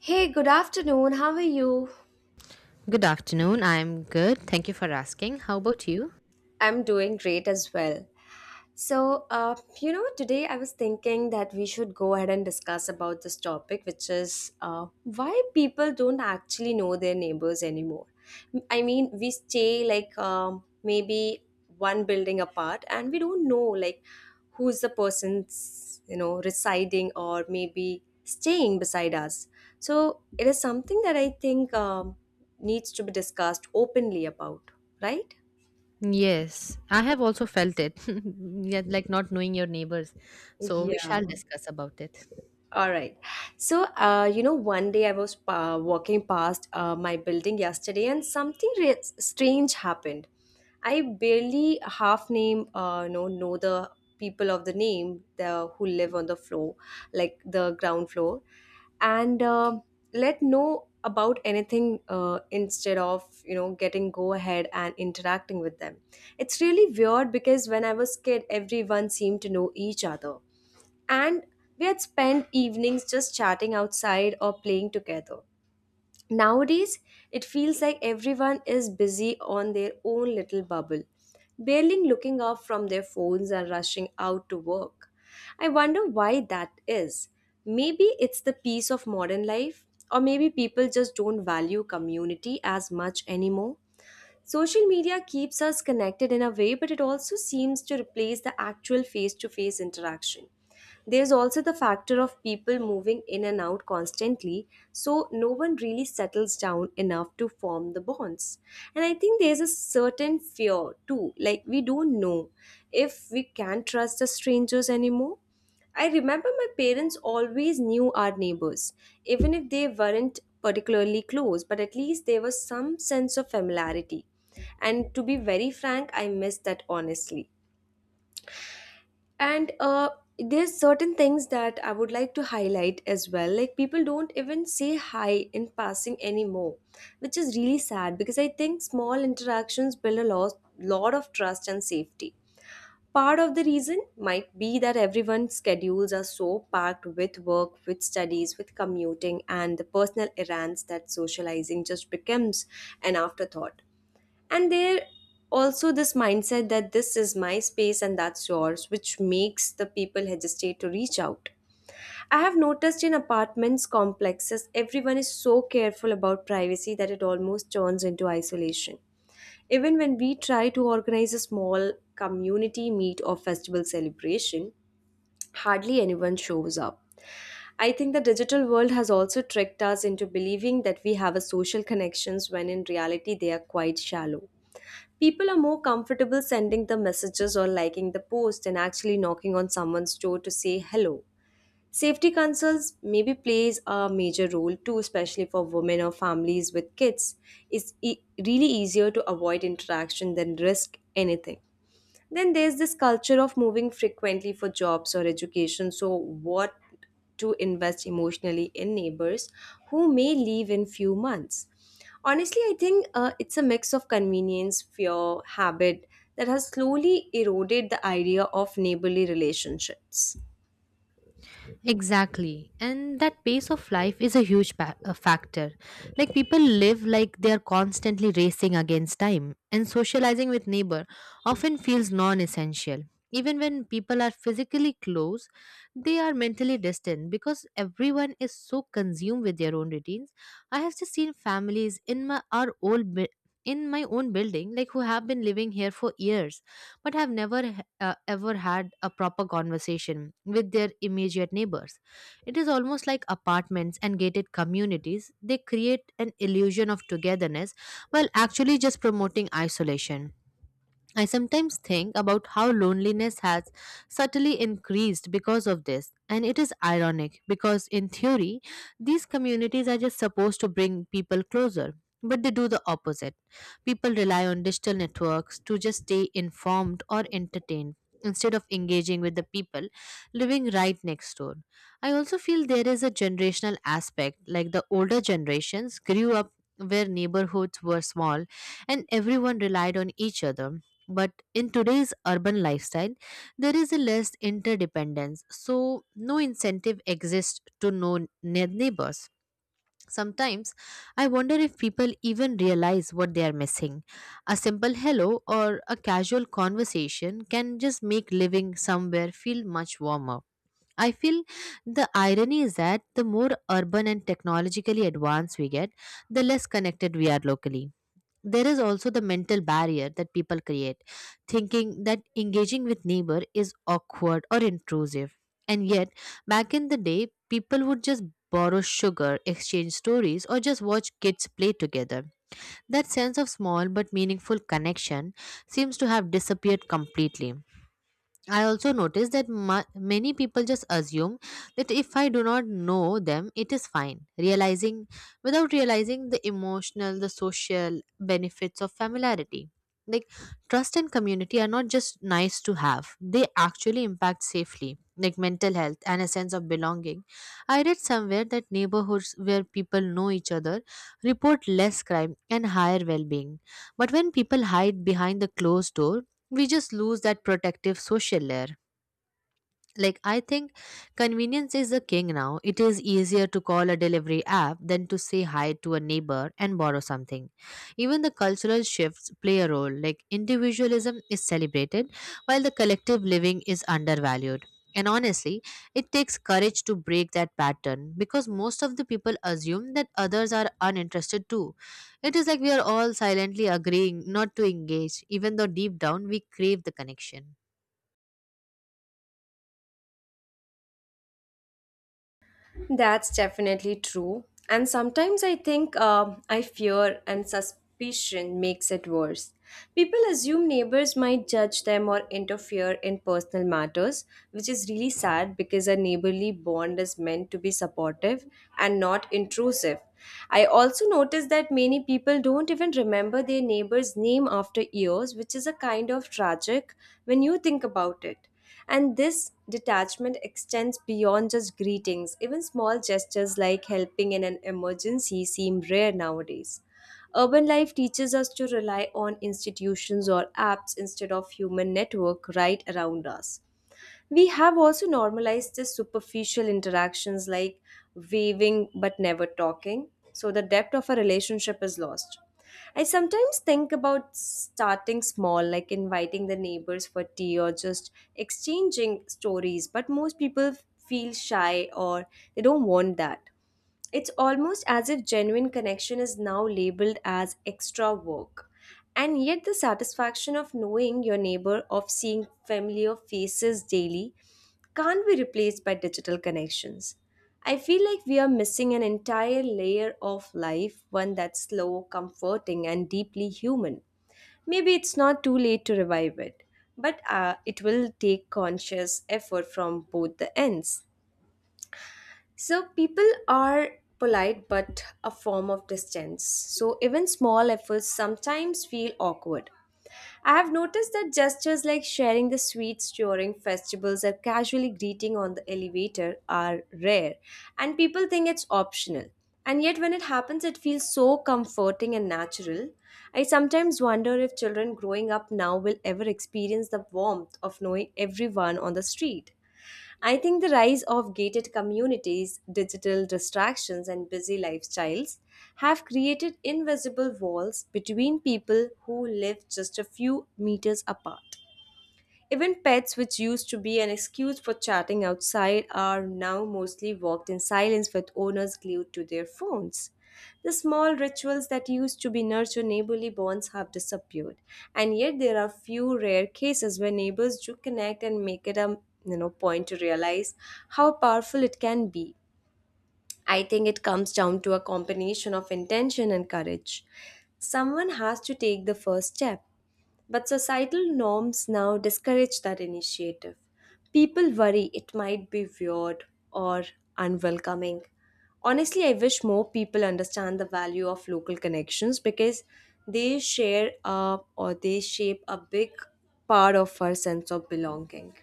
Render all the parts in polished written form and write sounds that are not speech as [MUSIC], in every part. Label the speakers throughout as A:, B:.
A: Hey, good afternoon. How are you?
B: Good afternoon. I'm good. Thank you for asking. How about you?
A: I'm doing great as well. So, uh, Today I was thinking that we should go ahead and discuss about this topic, which is why people don't actually know their neighbors anymore. I mean, we stay like maybe one building apart, and we don't know like who's the person's residing or maybe staying beside us. So it is something that I think needs to be discussed openly about, right?
B: Yes, I have also felt it. [LAUGHS] Yeah, like not knowing your neighbors. So we
A: Yeah.
B: shall discuss about it.
A: All right. One day I was walking past my building yesterday and something strange happened. I barely half name, know the people of the who live on the floor, like the ground floor, and let know about anything instead of, getting go ahead and interacting with them. It's really weird because when I was kid, everyone seemed to know each other and we had spent evenings just chatting outside or playing together. Nowadays, it feels like everyone is busy on their own little bubble, barely looking up from their phones and rushing out to work. I wonder why that is. Maybe it's the peace of modern life, or maybe people just don't value community as much anymore. Social media keeps us connected in a way, but it also seems to replace the actual face to face interaction. There's also the factor of people moving in and out constantly, so no one really settles down enough to form the bonds. And I think there's a certain fear too, like we don't know if we can trust the strangers anymore. I remember my parents always knew our neighbors, even if they weren't particularly close, but at least there was some sense of familiarity. And to be very frank, I miss that honestly, and there's certain things that I would like to highlight as well, like people don't even say hi in passing anymore, which is really sad because I think small interactions build lot of trust and safety. Part of the reason might be that everyone's schedules are so packed with work, with studies, with commuting and the personal errands, that socializing just becomes an afterthought. And there also this mindset that this is my space and that's yours, which makes the people hesitate to reach out. I have noticed in apartments complexes everyone is so careful about privacy that it almost turns into isolation. Even when we try to organize a small community meet or festival celebration, hardly anyone shows up. I think the digital world has also tricked us into believing that we have a social connections when in reality they are quite shallow. People are more comfortable sending the messages or liking the post and actually knocking on someone's door to say hello. Safety concerns maybe plays a major role too, especially for women or families with kids. It's really easier to avoid interaction than risk anything. Then there's this culture of moving frequently for jobs or education. So what to invest emotionally in neighbors who may leave in few months. Honestly, I think it's a mix of convenience, fear, habit that has slowly eroded the idea of neighborly relationships.
B: Exactly. And that pace of life is a huge a factor. Like people live like they are constantly racing against time, and socializing with neighbor often feels non-essential. Even when people are physically close, they are mentally distant because everyone is so consumed with their own routines. I have just seen families in my our old bu- in my own building, like who have been living here for years but have never ever had a proper conversation with their immediate neighbors. It is almost like apartments and gated communities. They create an illusion of togetherness while actually just promoting isolation. I sometimes think about how loneliness has subtly increased because of this, and it is ironic because, in theory, these communities are just supposed to bring people closer. But they do the opposite. People rely on digital networks to just stay informed or entertained instead of engaging with the people living right next door. I also feel there is a generational aspect, like the older generations grew up where neighborhoods were small and everyone relied on each other, but in today's urban lifestyle, there is a less interdependence, so no incentive exists to know neighbors. Sometimes I wonder if people even realize what they are missing. A simple hello or a casual conversation can just make living somewhere feel much warmer. I feel the irony is that the more urban and technologically advanced we get, the less connected we are locally. There is also the mental barrier that people create, thinking that engaging with neighbor is awkward or intrusive. And yet, back in the day, people would just borrow sugar, exchange stories, or just watch kids play together. That sense of small but meaningful connection seems to have disappeared completely. I also noticed that many people just assume that if I do not know them, it is fine. Without realizing the emotional, the social benefits of familiarity. Like, trust and community are not just nice to have, they actually impact safely, like mental health and a sense of belonging. I read somewhere that neighborhoods where people know each other report less crime and higher well being. But when people hide behind the closed door, we just lose that protective social layer. Like, I think convenience is the king now. It is easier to call a delivery app than to say hi to a neighbor and borrow something. Even the cultural shifts play a role. Like individualism is celebrated while the collective living is undervalued. And honestly, it takes courage to break that pattern, because most of the people assume that others are uninterested too. It is like we are all silently agreeing not to engage, even though deep down we crave the connection.
A: That's definitely true. And sometimes I think I fear and suspicion makes it worse. People assume neighbors might judge them or interfere in personal matters, which is really sad because a neighborly bond is meant to be supportive and not intrusive. I also noticed that many people don't even remember their neighbor's name after years, which is a kind of tragic when you think about it. And this detachment extends beyond just greetings. Even small gestures like helping in an emergency seem rare nowadays. Urban life teaches us to rely on institutions or apps instead of human network right around us. We have also normalized the superficial interactions like waving but never talking, so the depth of a relationship is lost. I sometimes think about starting small, like inviting the neighbors for tea or just exchanging stories, but most people feel shy or they don't want that. It's almost as if genuine connection is now labeled as extra work. And yet, the satisfaction of knowing your neighbor, of seeing familiar faces daily, can't be replaced by digital connections. I feel like we are missing an entire layer of life, one that's slow, comforting, and deeply human. Maybe it's not too late to revive it, but it will take conscious effort from both the ends. So people are polite but a form of distance. So even small efforts sometimes feel awkward. I have noticed that gestures like sharing the sweets during festivals or casually greeting on the elevator are rare, and people think it's optional. And yet, when it happens, it feels so comforting and natural. I sometimes wonder if children growing up now will ever experience the warmth of knowing everyone on the street. I think the rise of gated communities, digital distractions, and busy lifestyles have created invisible walls between people who live just a few meters apart. Even pets, which used to be an excuse for chatting outside, are now mostly walked in silence with owners glued to their phones. The small rituals that used to be nurture neighborly bonds have disappeared, and yet there are few rare cases where neighbors do connect and make it a point to realize how powerful it can be. I think it comes down to a combination of intention and courage. Someone has to take the first step, but societal norms now discourage that initiative. People worry it might be weird or unwelcoming. Honestly, I wish more people understand the value of local connections because they share or they shape a big part of our sense of belonging.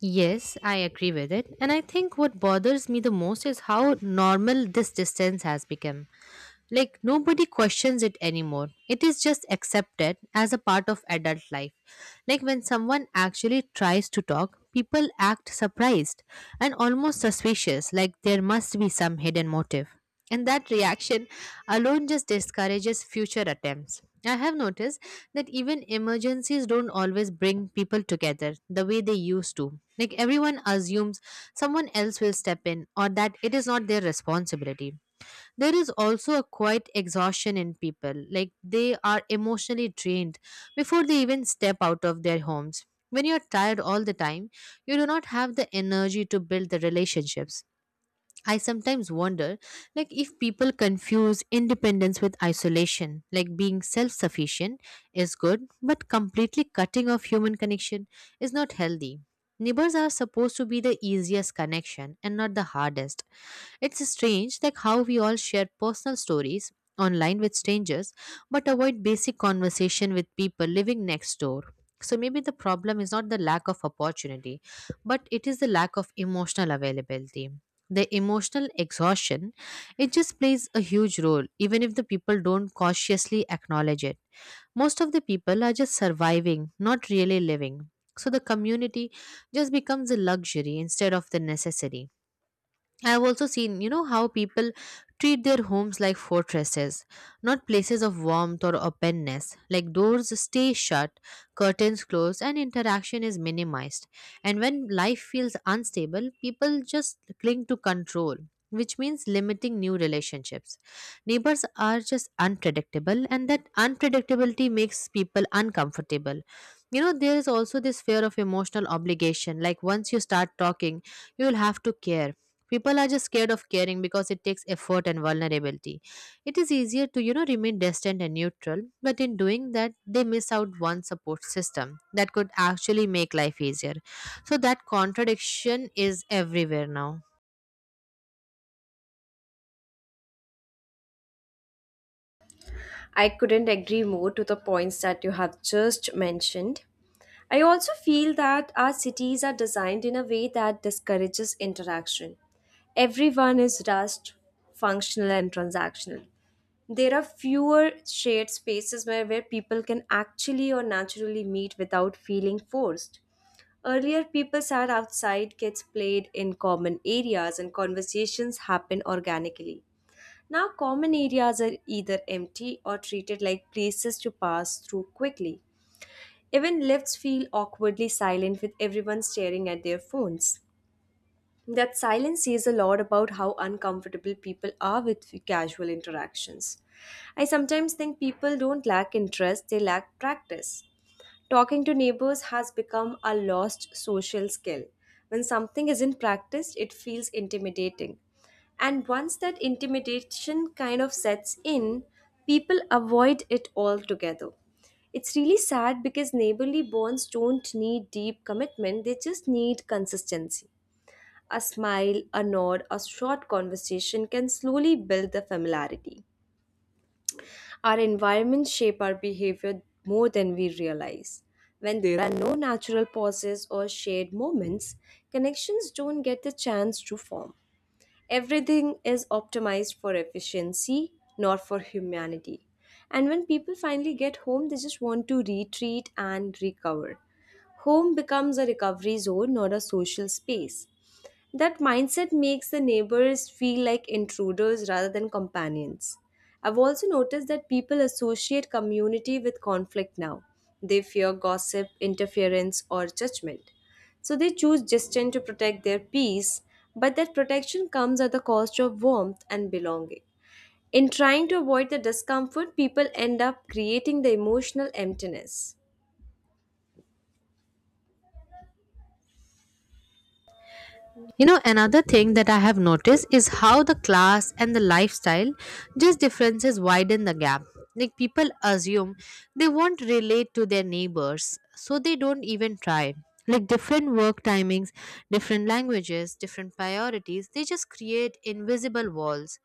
B: Yes, I agree with it. And I think what bothers me the most is how normal this distance has become. Like nobody questions it anymore. It is just accepted as a part of adult life. Like when someone actually tries to talk, people act surprised and almost suspicious, like there must be some hidden motive. And that reaction alone just discourages future attempts. I have noticed that even emergencies don't always bring people together the way they used to. Like everyone assumes someone else will step in, or that it is not their responsibility. There is also a quiet exhaustion in people, like they are emotionally drained before they even step out of their homes. When you're tired all the time, you do not have the energy to build the relationships. I sometimes wonder, like if people confuse independence with isolation. Like being self-sufficient is good, but completely cutting off human connection is not healthy. Neighbors are supposed to be the easiest connection and not the hardest. It's strange, like how we all share personal stories online with strangers but avoid basic conversation with people living next door. So maybe the problem is not the lack of opportunity, but it is the lack of emotional availability. The emotional exhaustion, it just plays a huge role, even if the people don't consciously acknowledge it. Most of the people are just surviving, not really living. So the community just becomes a luxury instead of the necessity. I've also seen, you know, how people treat their homes like fortresses, not places of warmth or openness. Like doors stay shut, curtains closed, and interaction is minimized. And when life feels unstable, people just cling to control, which means limiting new relationships. Neighbors are just unpredictable, and that unpredictability makes people uncomfortable. You know, there is also this fear of emotional obligation. Like once you start talking, you will have to care. People are just scared of caring because it takes effort and vulnerability. It is easier to, you know, remain distant and neutral, but in doing that, they miss out one support system that could actually make life easier. So that contradiction is everywhere now.
A: I couldn't agree more to the points that you have just mentioned. I also feel that our cities are designed in a way that discourages interaction. Everyone is rushed, functional, and transactional. There are fewer shared spaces where people can actually or naturally meet without feeling forced. Earlier, people sat outside, kids played in common areas, and conversations happened organically. Now, common areas are either empty or treated like places to pass through quickly. Even lifts feel awkwardly silent with everyone staring at their phones. That silence says a lot about how uncomfortable people are with casual interactions. I sometimes think people don't lack interest, they lack practice. Talking to neighbors has become a lost social skill. When something isn't practiced, it feels intimidating. And once that intimidation kind of sets in, people avoid it altogether. It's really sad because neighborly bonds don't need deep commitment, they just need consistency. A smile, a nod, a short conversation can slowly build the familiarity. Our environments shape our behavior more than we realize. When there are no natural pauses or shared moments, connections don't get the chance to form. Everything is optimized for efficiency, not for humanity. And when people finally get home, they just want to retreat and recover. Home becomes a recovery zone, not a social space. That mindset makes the neighbors feel like intruders rather than companions. I've also noticed that people associate community with conflict now. They fear gossip, interference, or judgment. So they choose distance to protect their peace, but that protection comes at the cost of warmth and belonging. In trying to avoid the discomfort, people end up creating the emotional emptiness.
B: You know, another thing that I have noticed is how the class and the lifestyle just differences widen the gap. Like people assume they won't relate to their neighbors, so they don't even try. Like different work timings, different languages, different priorities, they just create invisible walls.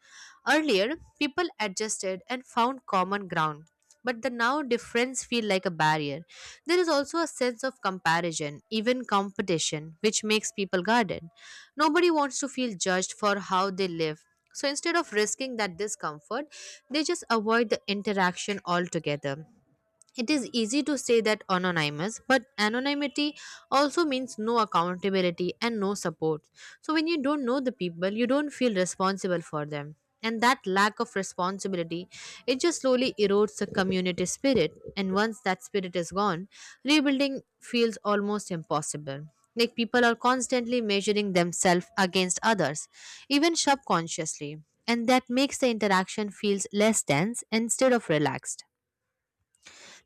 B: Earlier, people adjusted and found common ground, but the now difference feel like a barrier. There is also a sense of comparison, even competition, which makes people guarded. Nobody wants to feel judged for how they live. So instead of risking that discomfort, they just avoid the interaction altogether. It is easy to say that anonymous, but anonymity also means no accountability and no support. So when you don't know the people, you don't feel responsible for them. And that lack of responsibility, it just slowly erodes the community spirit. And once that spirit is gone, rebuilding feels almost impossible. Like people are constantly measuring themselves against others, even subconsciously. And that makes the interaction feels less tense instead of relaxed.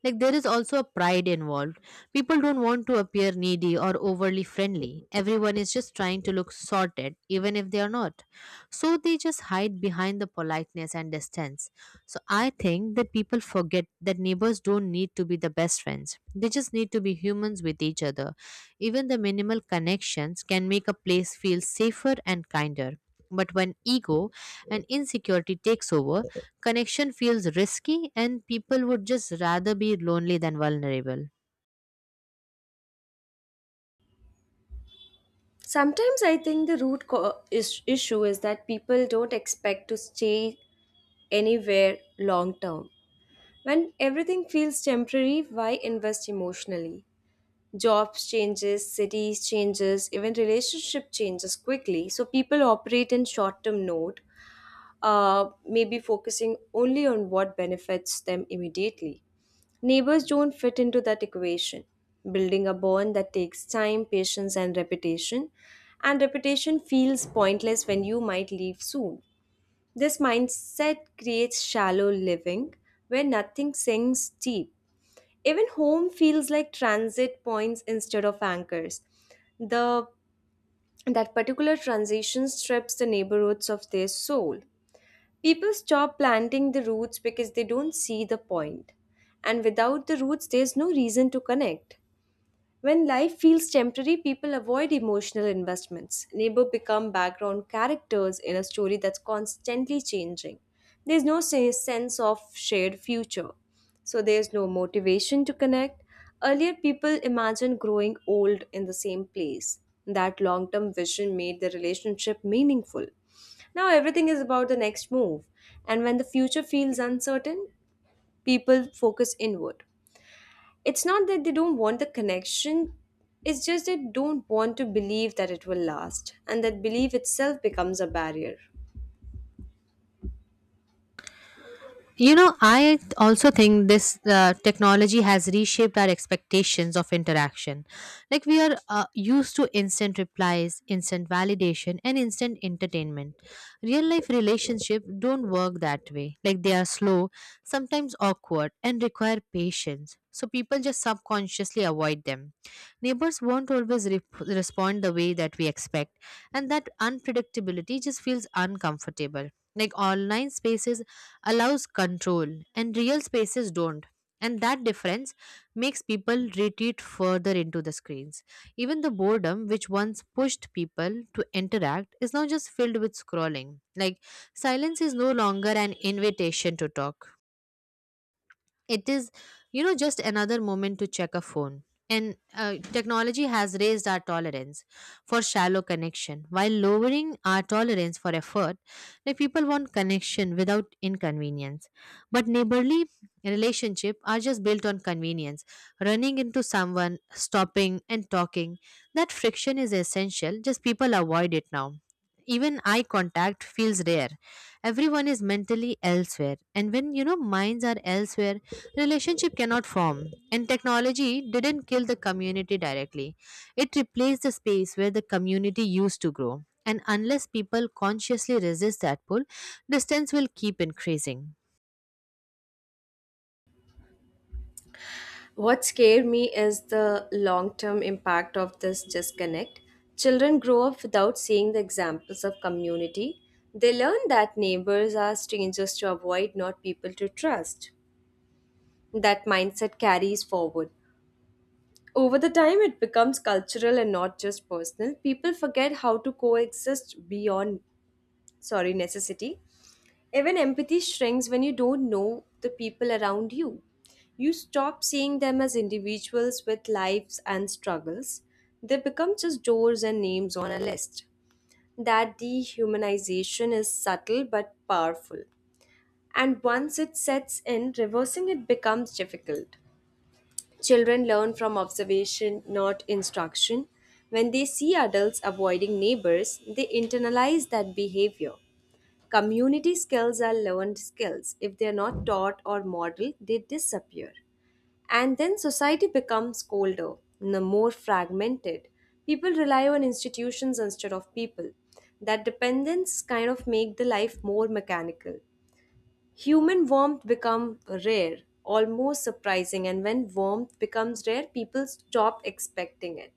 B: Like there is also a pride involved. People don't want to appear needy or overly friendly. Everyone is just trying to look sorted, even if they are not. So they just hide behind the politeness and distance. So I think that people forget that neighbors don't need to be the best friends. They just need to be humans with each other. Even the minimal connections can make a place feel safer and kinder. But when ego and insecurity takes over, connection feels risky, and people would just rather be lonely than vulnerable.
A: Sometimes I think the issue is that people don't expect to stay anywhere long term. When everything feels temporary, why invest emotionally? Jobs changes, cities changes, even relationship changes quickly. So people operate in short term note, maybe focusing only on what benefits them immediately. Neighbors don't fit into that equation. Building a bond that takes time, patience, and repetition feels pointless when you might leave soon. This mindset creates shallow living where nothing sinks deep. Even home feels like transit points instead of anchors. The That particular transition strips the neighborhoods of their soul. People stop planting the roots because they don't see the point. And without the roots, there's no reason to connect. When life feels temporary, people avoid emotional investments. Neighbor become background characters in a story that's constantly changing. There's no sense of shared future, so there's no motivation to connect. Earlier, people imagined growing old in the same place. That long term vision made the relationship meaningful. Now, everything is about the next move, and when the future feels uncertain, people focus inward. It's not that they don't want the connection, it's just they don't want to believe that it will last, and that belief itself becomes a barrier.
B: You know, I also think this technology has reshaped our expectations of interaction. Like, we are used to instant replies, instant validation, and instant entertainment. Real life relationships don't work that way. Like, they are slow, sometimes awkward, and require patience. So, people just subconsciously avoid them. Neighbors won't always respond the way that we expect, and that unpredictability just feels uncomfortable. Like online spaces allows control and real spaces don't. And that difference makes people retreat further into the screens. Even the boredom, which once pushed people to interact, is now just filled with scrolling. Like, silence is no longer an invitation to talk, it is, you know, just another moment to check a phone. And technology has raised our tolerance for shallow connection while lowering our tolerance for effort. Like people want connection without inconvenience, but neighborly relationship are just built on convenience. Running into someone, stopping and talking, that friction is essential, just people avoid it now. Even eye contact feels rare. Everyone is mentally elsewhere, and when, you know, minds are elsewhere, relationship cannot form. And technology didn't kill the community directly. It replaced the space where the community used to grow. And unless people consciously resist that pull, distance will keep increasing.
A: What scared me is the long term impact of this disconnect. Children grow up without seeing the examples of community. They learn that neighbors are strangers to avoid, not people to trust. That mindset carries forward. Over the time it becomes cultural and not just personal. People forget how to coexist beyond, sorry, necessity. Even empathy shrinks when you don't know the people around you. You stop seeing them as individuals with lives and struggles. They become just doors and names on a list. That dehumanization is subtle but powerful. And once it sets in, reversing it becomes difficult. Children learn from observation, not instruction. When they see adults avoiding neighbors, they internalize that behavior. Community skills are learned skills. If they're not taught or modeled, they disappear. And then society becomes colder, more fragmented. People rely on institutions instead of people. That dependence kind of make the life more mechanical. Human warmth become rare, almost surprising, and when warmth becomes rare, people stop expecting it.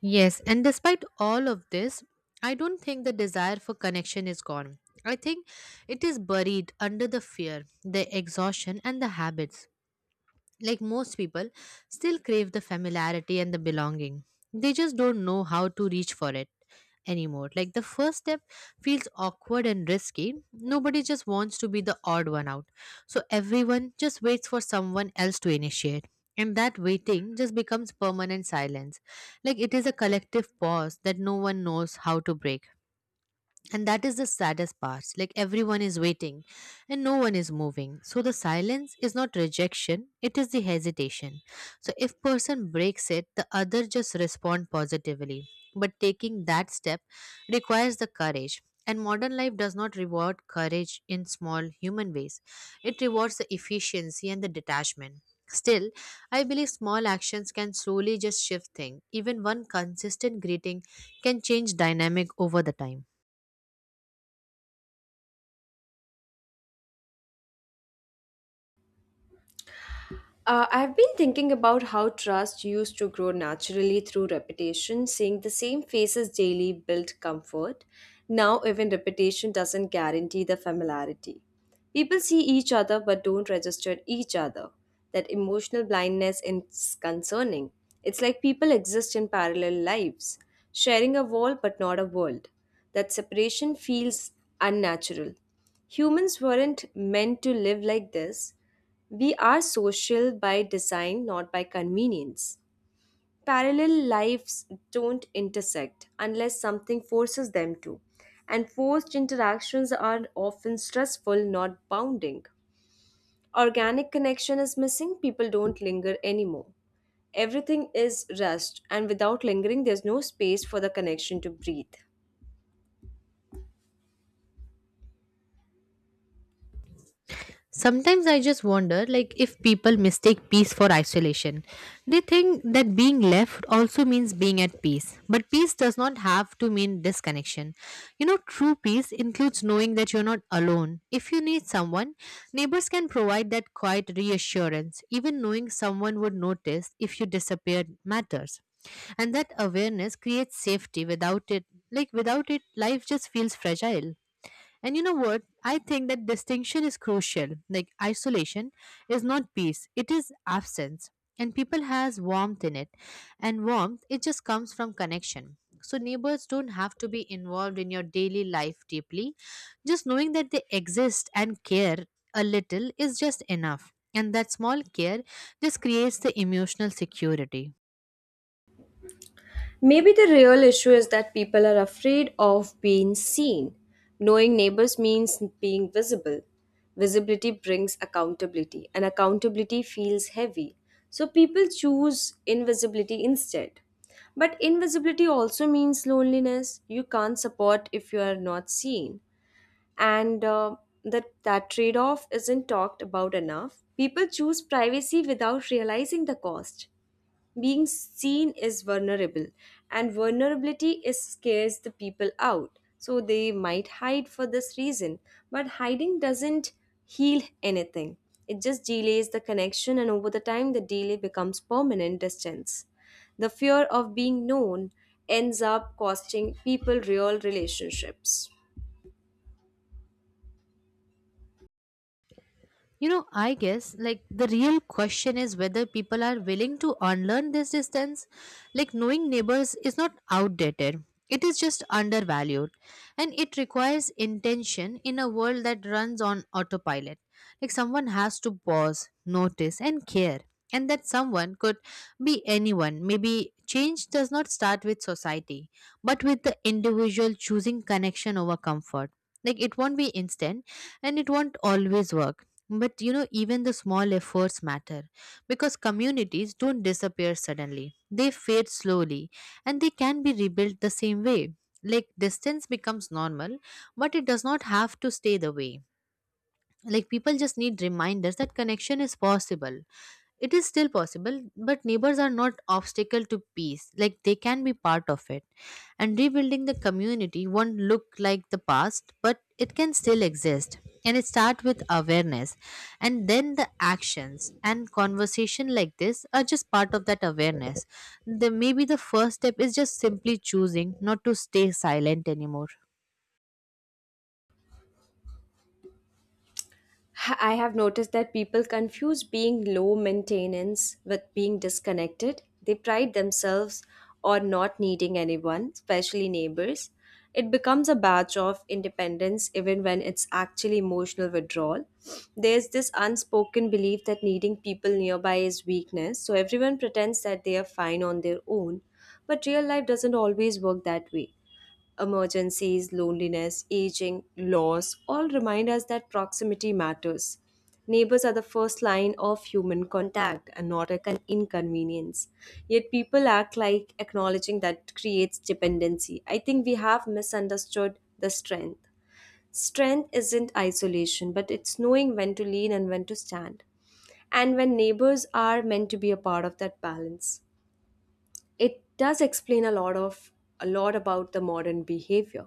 B: Yes, and despite all of this, I don't think the desire for connection is gone. I think it is buried under the fear, the exhaustion, and the habits. Like most people still crave the familiarity and the belonging. They just don't know how to reach for it anymore. Like the first step feels awkward and risky. Nobody just wants to be the odd one out. So everyone just waits for someone else to initiate. And that waiting just becomes permanent silence. Like it is a collective pause that no one knows how to break. And that is the saddest part. Like everyone is waiting and no one is moving. So the silence is not rejection, it is the hesitation. So if person breaks it, the other just respond positively. But taking that step requires the courage. And modern life does not reward courage in small human ways. It rewards the efficiency and the detachment. Still, I believe small actions can slowly just shift things. Even one consistent greeting can change dynamic over the time.
A: I've been thinking about how trust used to grow naturally through repetition, seeing the same faces daily built comfort. Now, even repetition doesn't guarantee the familiarity. People see each other but don't register each other. That emotional blindness is concerning. It's like people exist in parallel lives, sharing a wall but not a world. That separation feels unnatural. Humans weren't meant to live like this. We are social by design, not by convenience. Parallel lives don't intersect unless something forces them to, and forced interactions are often stressful, not bounding. Organic connection is missing, people don't linger anymore. Everything is rushed, and without lingering, there's no space for the connection to breathe.
B: Sometimes I just wonder, like, if people mistake peace for isolation. They think that being left also means being at peace. But peace does not have to mean disconnection. You know, true peace includes knowing that you're not alone. If you need someone, neighbors can provide that quiet reassurance. Even knowing someone would notice if you disappeared matters. And that awareness creates safety without it life just feels fragile. And you know what? I think that distinction is crucial. Like, isolation is not peace, it is absence. And people has warmth in it. And warmth, it just comes from connection. So neighbors don't have to be involved in your daily life deeply. Just knowing that they exist and care a little is just enough. And that small care just creates the emotional security.
A: Maybe the real issue is that people are afraid of being seen. Knowing neighbors means being visible. Visibility brings accountability, and accountability feels heavy. So people choose invisibility instead. But invisibility also means loneliness. You can't support if you are not seen. And that trade off isn't talked about enough. People choose privacy without realizing the cost. Being seen is vulnerable, and vulnerability is scares the people out. So they might hide for this reason, but hiding doesn't heal anything. It just delays the connection, and over the time, the delay becomes permanent distance. The fear of being known ends up costing people real relationships.
B: You know, I guess, like, the real question is whether people are willing to unlearn this distance. Like, knowing neighbors is not outdated, it is just undervalued. And it requires intention in a world that runs on autopilot. Like, someone has to pause, notice, and care. And that someone could be anyone. Maybe change does not start with society, but with the individual choosing connection over comfort. Like, it won't be instant and it won't always work, but, you know, even the small efforts matter because communities don't disappear suddenly. They fade slowly and they can be rebuilt the same way. Like, distance becomes normal, but it does not have to stay the way. Like, people just need reminders that connection is possible. It is still possible, but neighbors are not obstacle to peace. Like, they can be part of it, and rebuilding the community won't look like the past, but it can still exist. And it starts with awareness, and then the actions and conversation like this are just part of that awareness. The maybe the first step is just simply choosing not to stay silent anymore.
A: I have noticed that people confuse being low maintenance with being disconnected. They pride themselves on not needing anyone, especially neighbors. It becomes a badge of independence even when it's actually emotional withdrawal. There's this unspoken belief that needing people nearby is weakness, so everyone pretends that they are fine on their own. But real life doesn't always work that way. Emergencies, loneliness, aging, loss all remind us that proximity matters. Neighbors are the first line of human contact and not a inconvenience. Yet people act like acknowledging that creates dependency. I think we have misunderstood the strength. Strength isn't isolation, but it's knowing when to lean and when to stand, and when neighbors are meant to be a part of that balance. It does explain a lot about the modern behavior.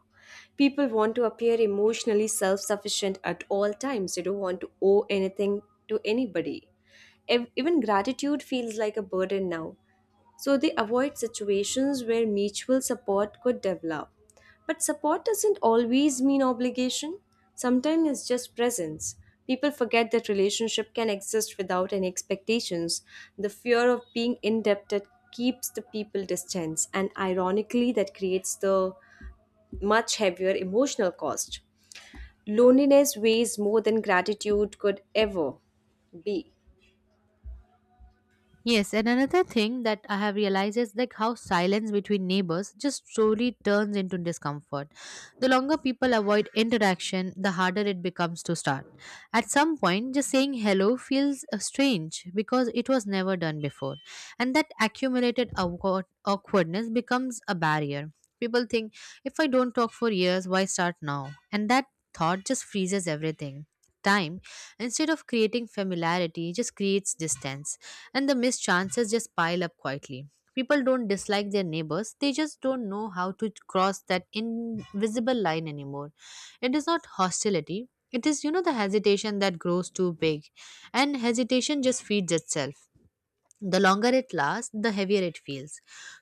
A: People want to appear emotionally self-sufficient at all times. They don't want to owe anything to anybody. Even gratitude feels like a burden now, so they avoid situations where mutual support could develop. But support doesn't always mean obligation, sometimes it's just presence. People forget that relationship can exist without any expectations. The fear of being indebted keeps the people distance, and ironically, that creates the much heavier emotional cost. Loneliness weighs more than gratitude could ever be.
B: Yes, and another thing that I have realized is like how silence between neighbors just slowly turns into discomfort. The longer people avoid interaction, the harder it becomes to start. At some point, just saying hello feels strange because it was never done before, and that awkwardness becomes a barrier. People think, if I don't talk for years, why start now? And that thought just freezes everything. Time, instead of creating familiarity, just creates distance, and the missed chances just pile up quietly. People don't dislike their neighbors, they just don't know how to cross that invisible line anymore. It is not hostility, it is, you know, the hesitation that grows too big, and hesitation just feeds itself. The longer it lasts, the heavier it feels.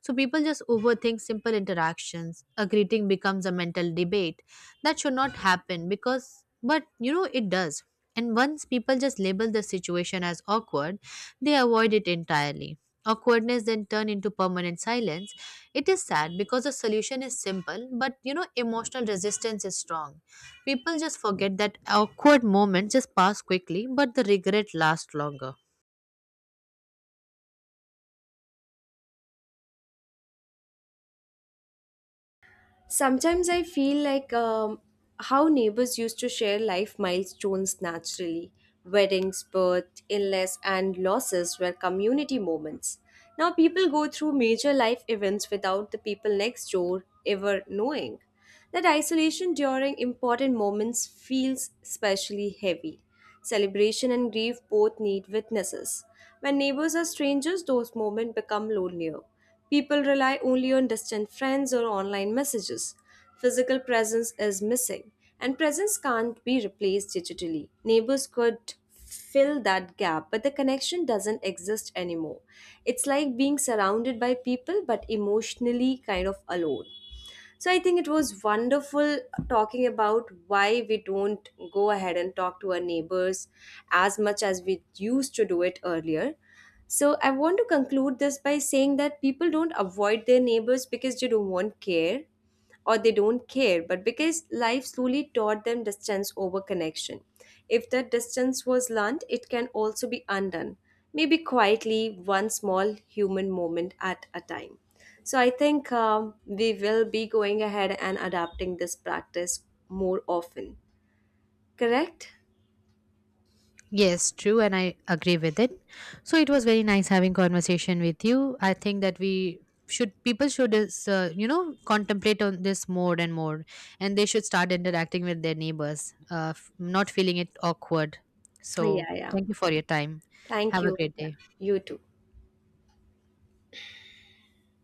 B: So people just overthink simple interactions. A greeting becomes a mental debate that should not happen, because, but you know, it does. And once people just label the situation as awkward, they avoid it entirely. Awkwardness then turn into permanent silence. It is sad because the solution is simple, but you know, emotional resistance is strong. People just forget that awkward moments just pass quickly, but the regret lasts longer.
A: Sometimes I feel like, how neighbors used to share life milestones naturally. Weddings, birth, illness, and losses were community moments. Now people go through major life events without the people next door ever knowing. That isolation during important moments feels especially heavy. Celebration and grief both need witnesses. When neighbors are strangers, those moments become lonelier. People rely only on distant friends or online messages. Physical presence is missing, and presence can't be replaced digitally. Neighbors could fill that gap, but the connection doesn't exist anymore. It's like being surrounded by people but emotionally kind of alone. So I think it was wonderful talking about why we don't go ahead and talk to our neighbors as much as we used to do it earlier. So I want to conclude this by saying that people don't avoid their neighbors because they don't want care, or they don't care, but because life slowly taught them distance over connection. If that distance was learned, it can also be undone, maybe quietly, one small human moment at a time. So I think we will be going ahead and adapting this practice more often. Correct?
B: Yes, true, and I agree with it. So it was very nice having conversation with you. I think that we should people should is, you know, contemplate on this more and more, and they should start interacting with their neighbors, not feeling it awkward. So
A: Yeah, yeah.
B: thank you for your time.
A: Thank
B: Have a
A: you.
B: great
A: Yeah.
B: day.
A: You too.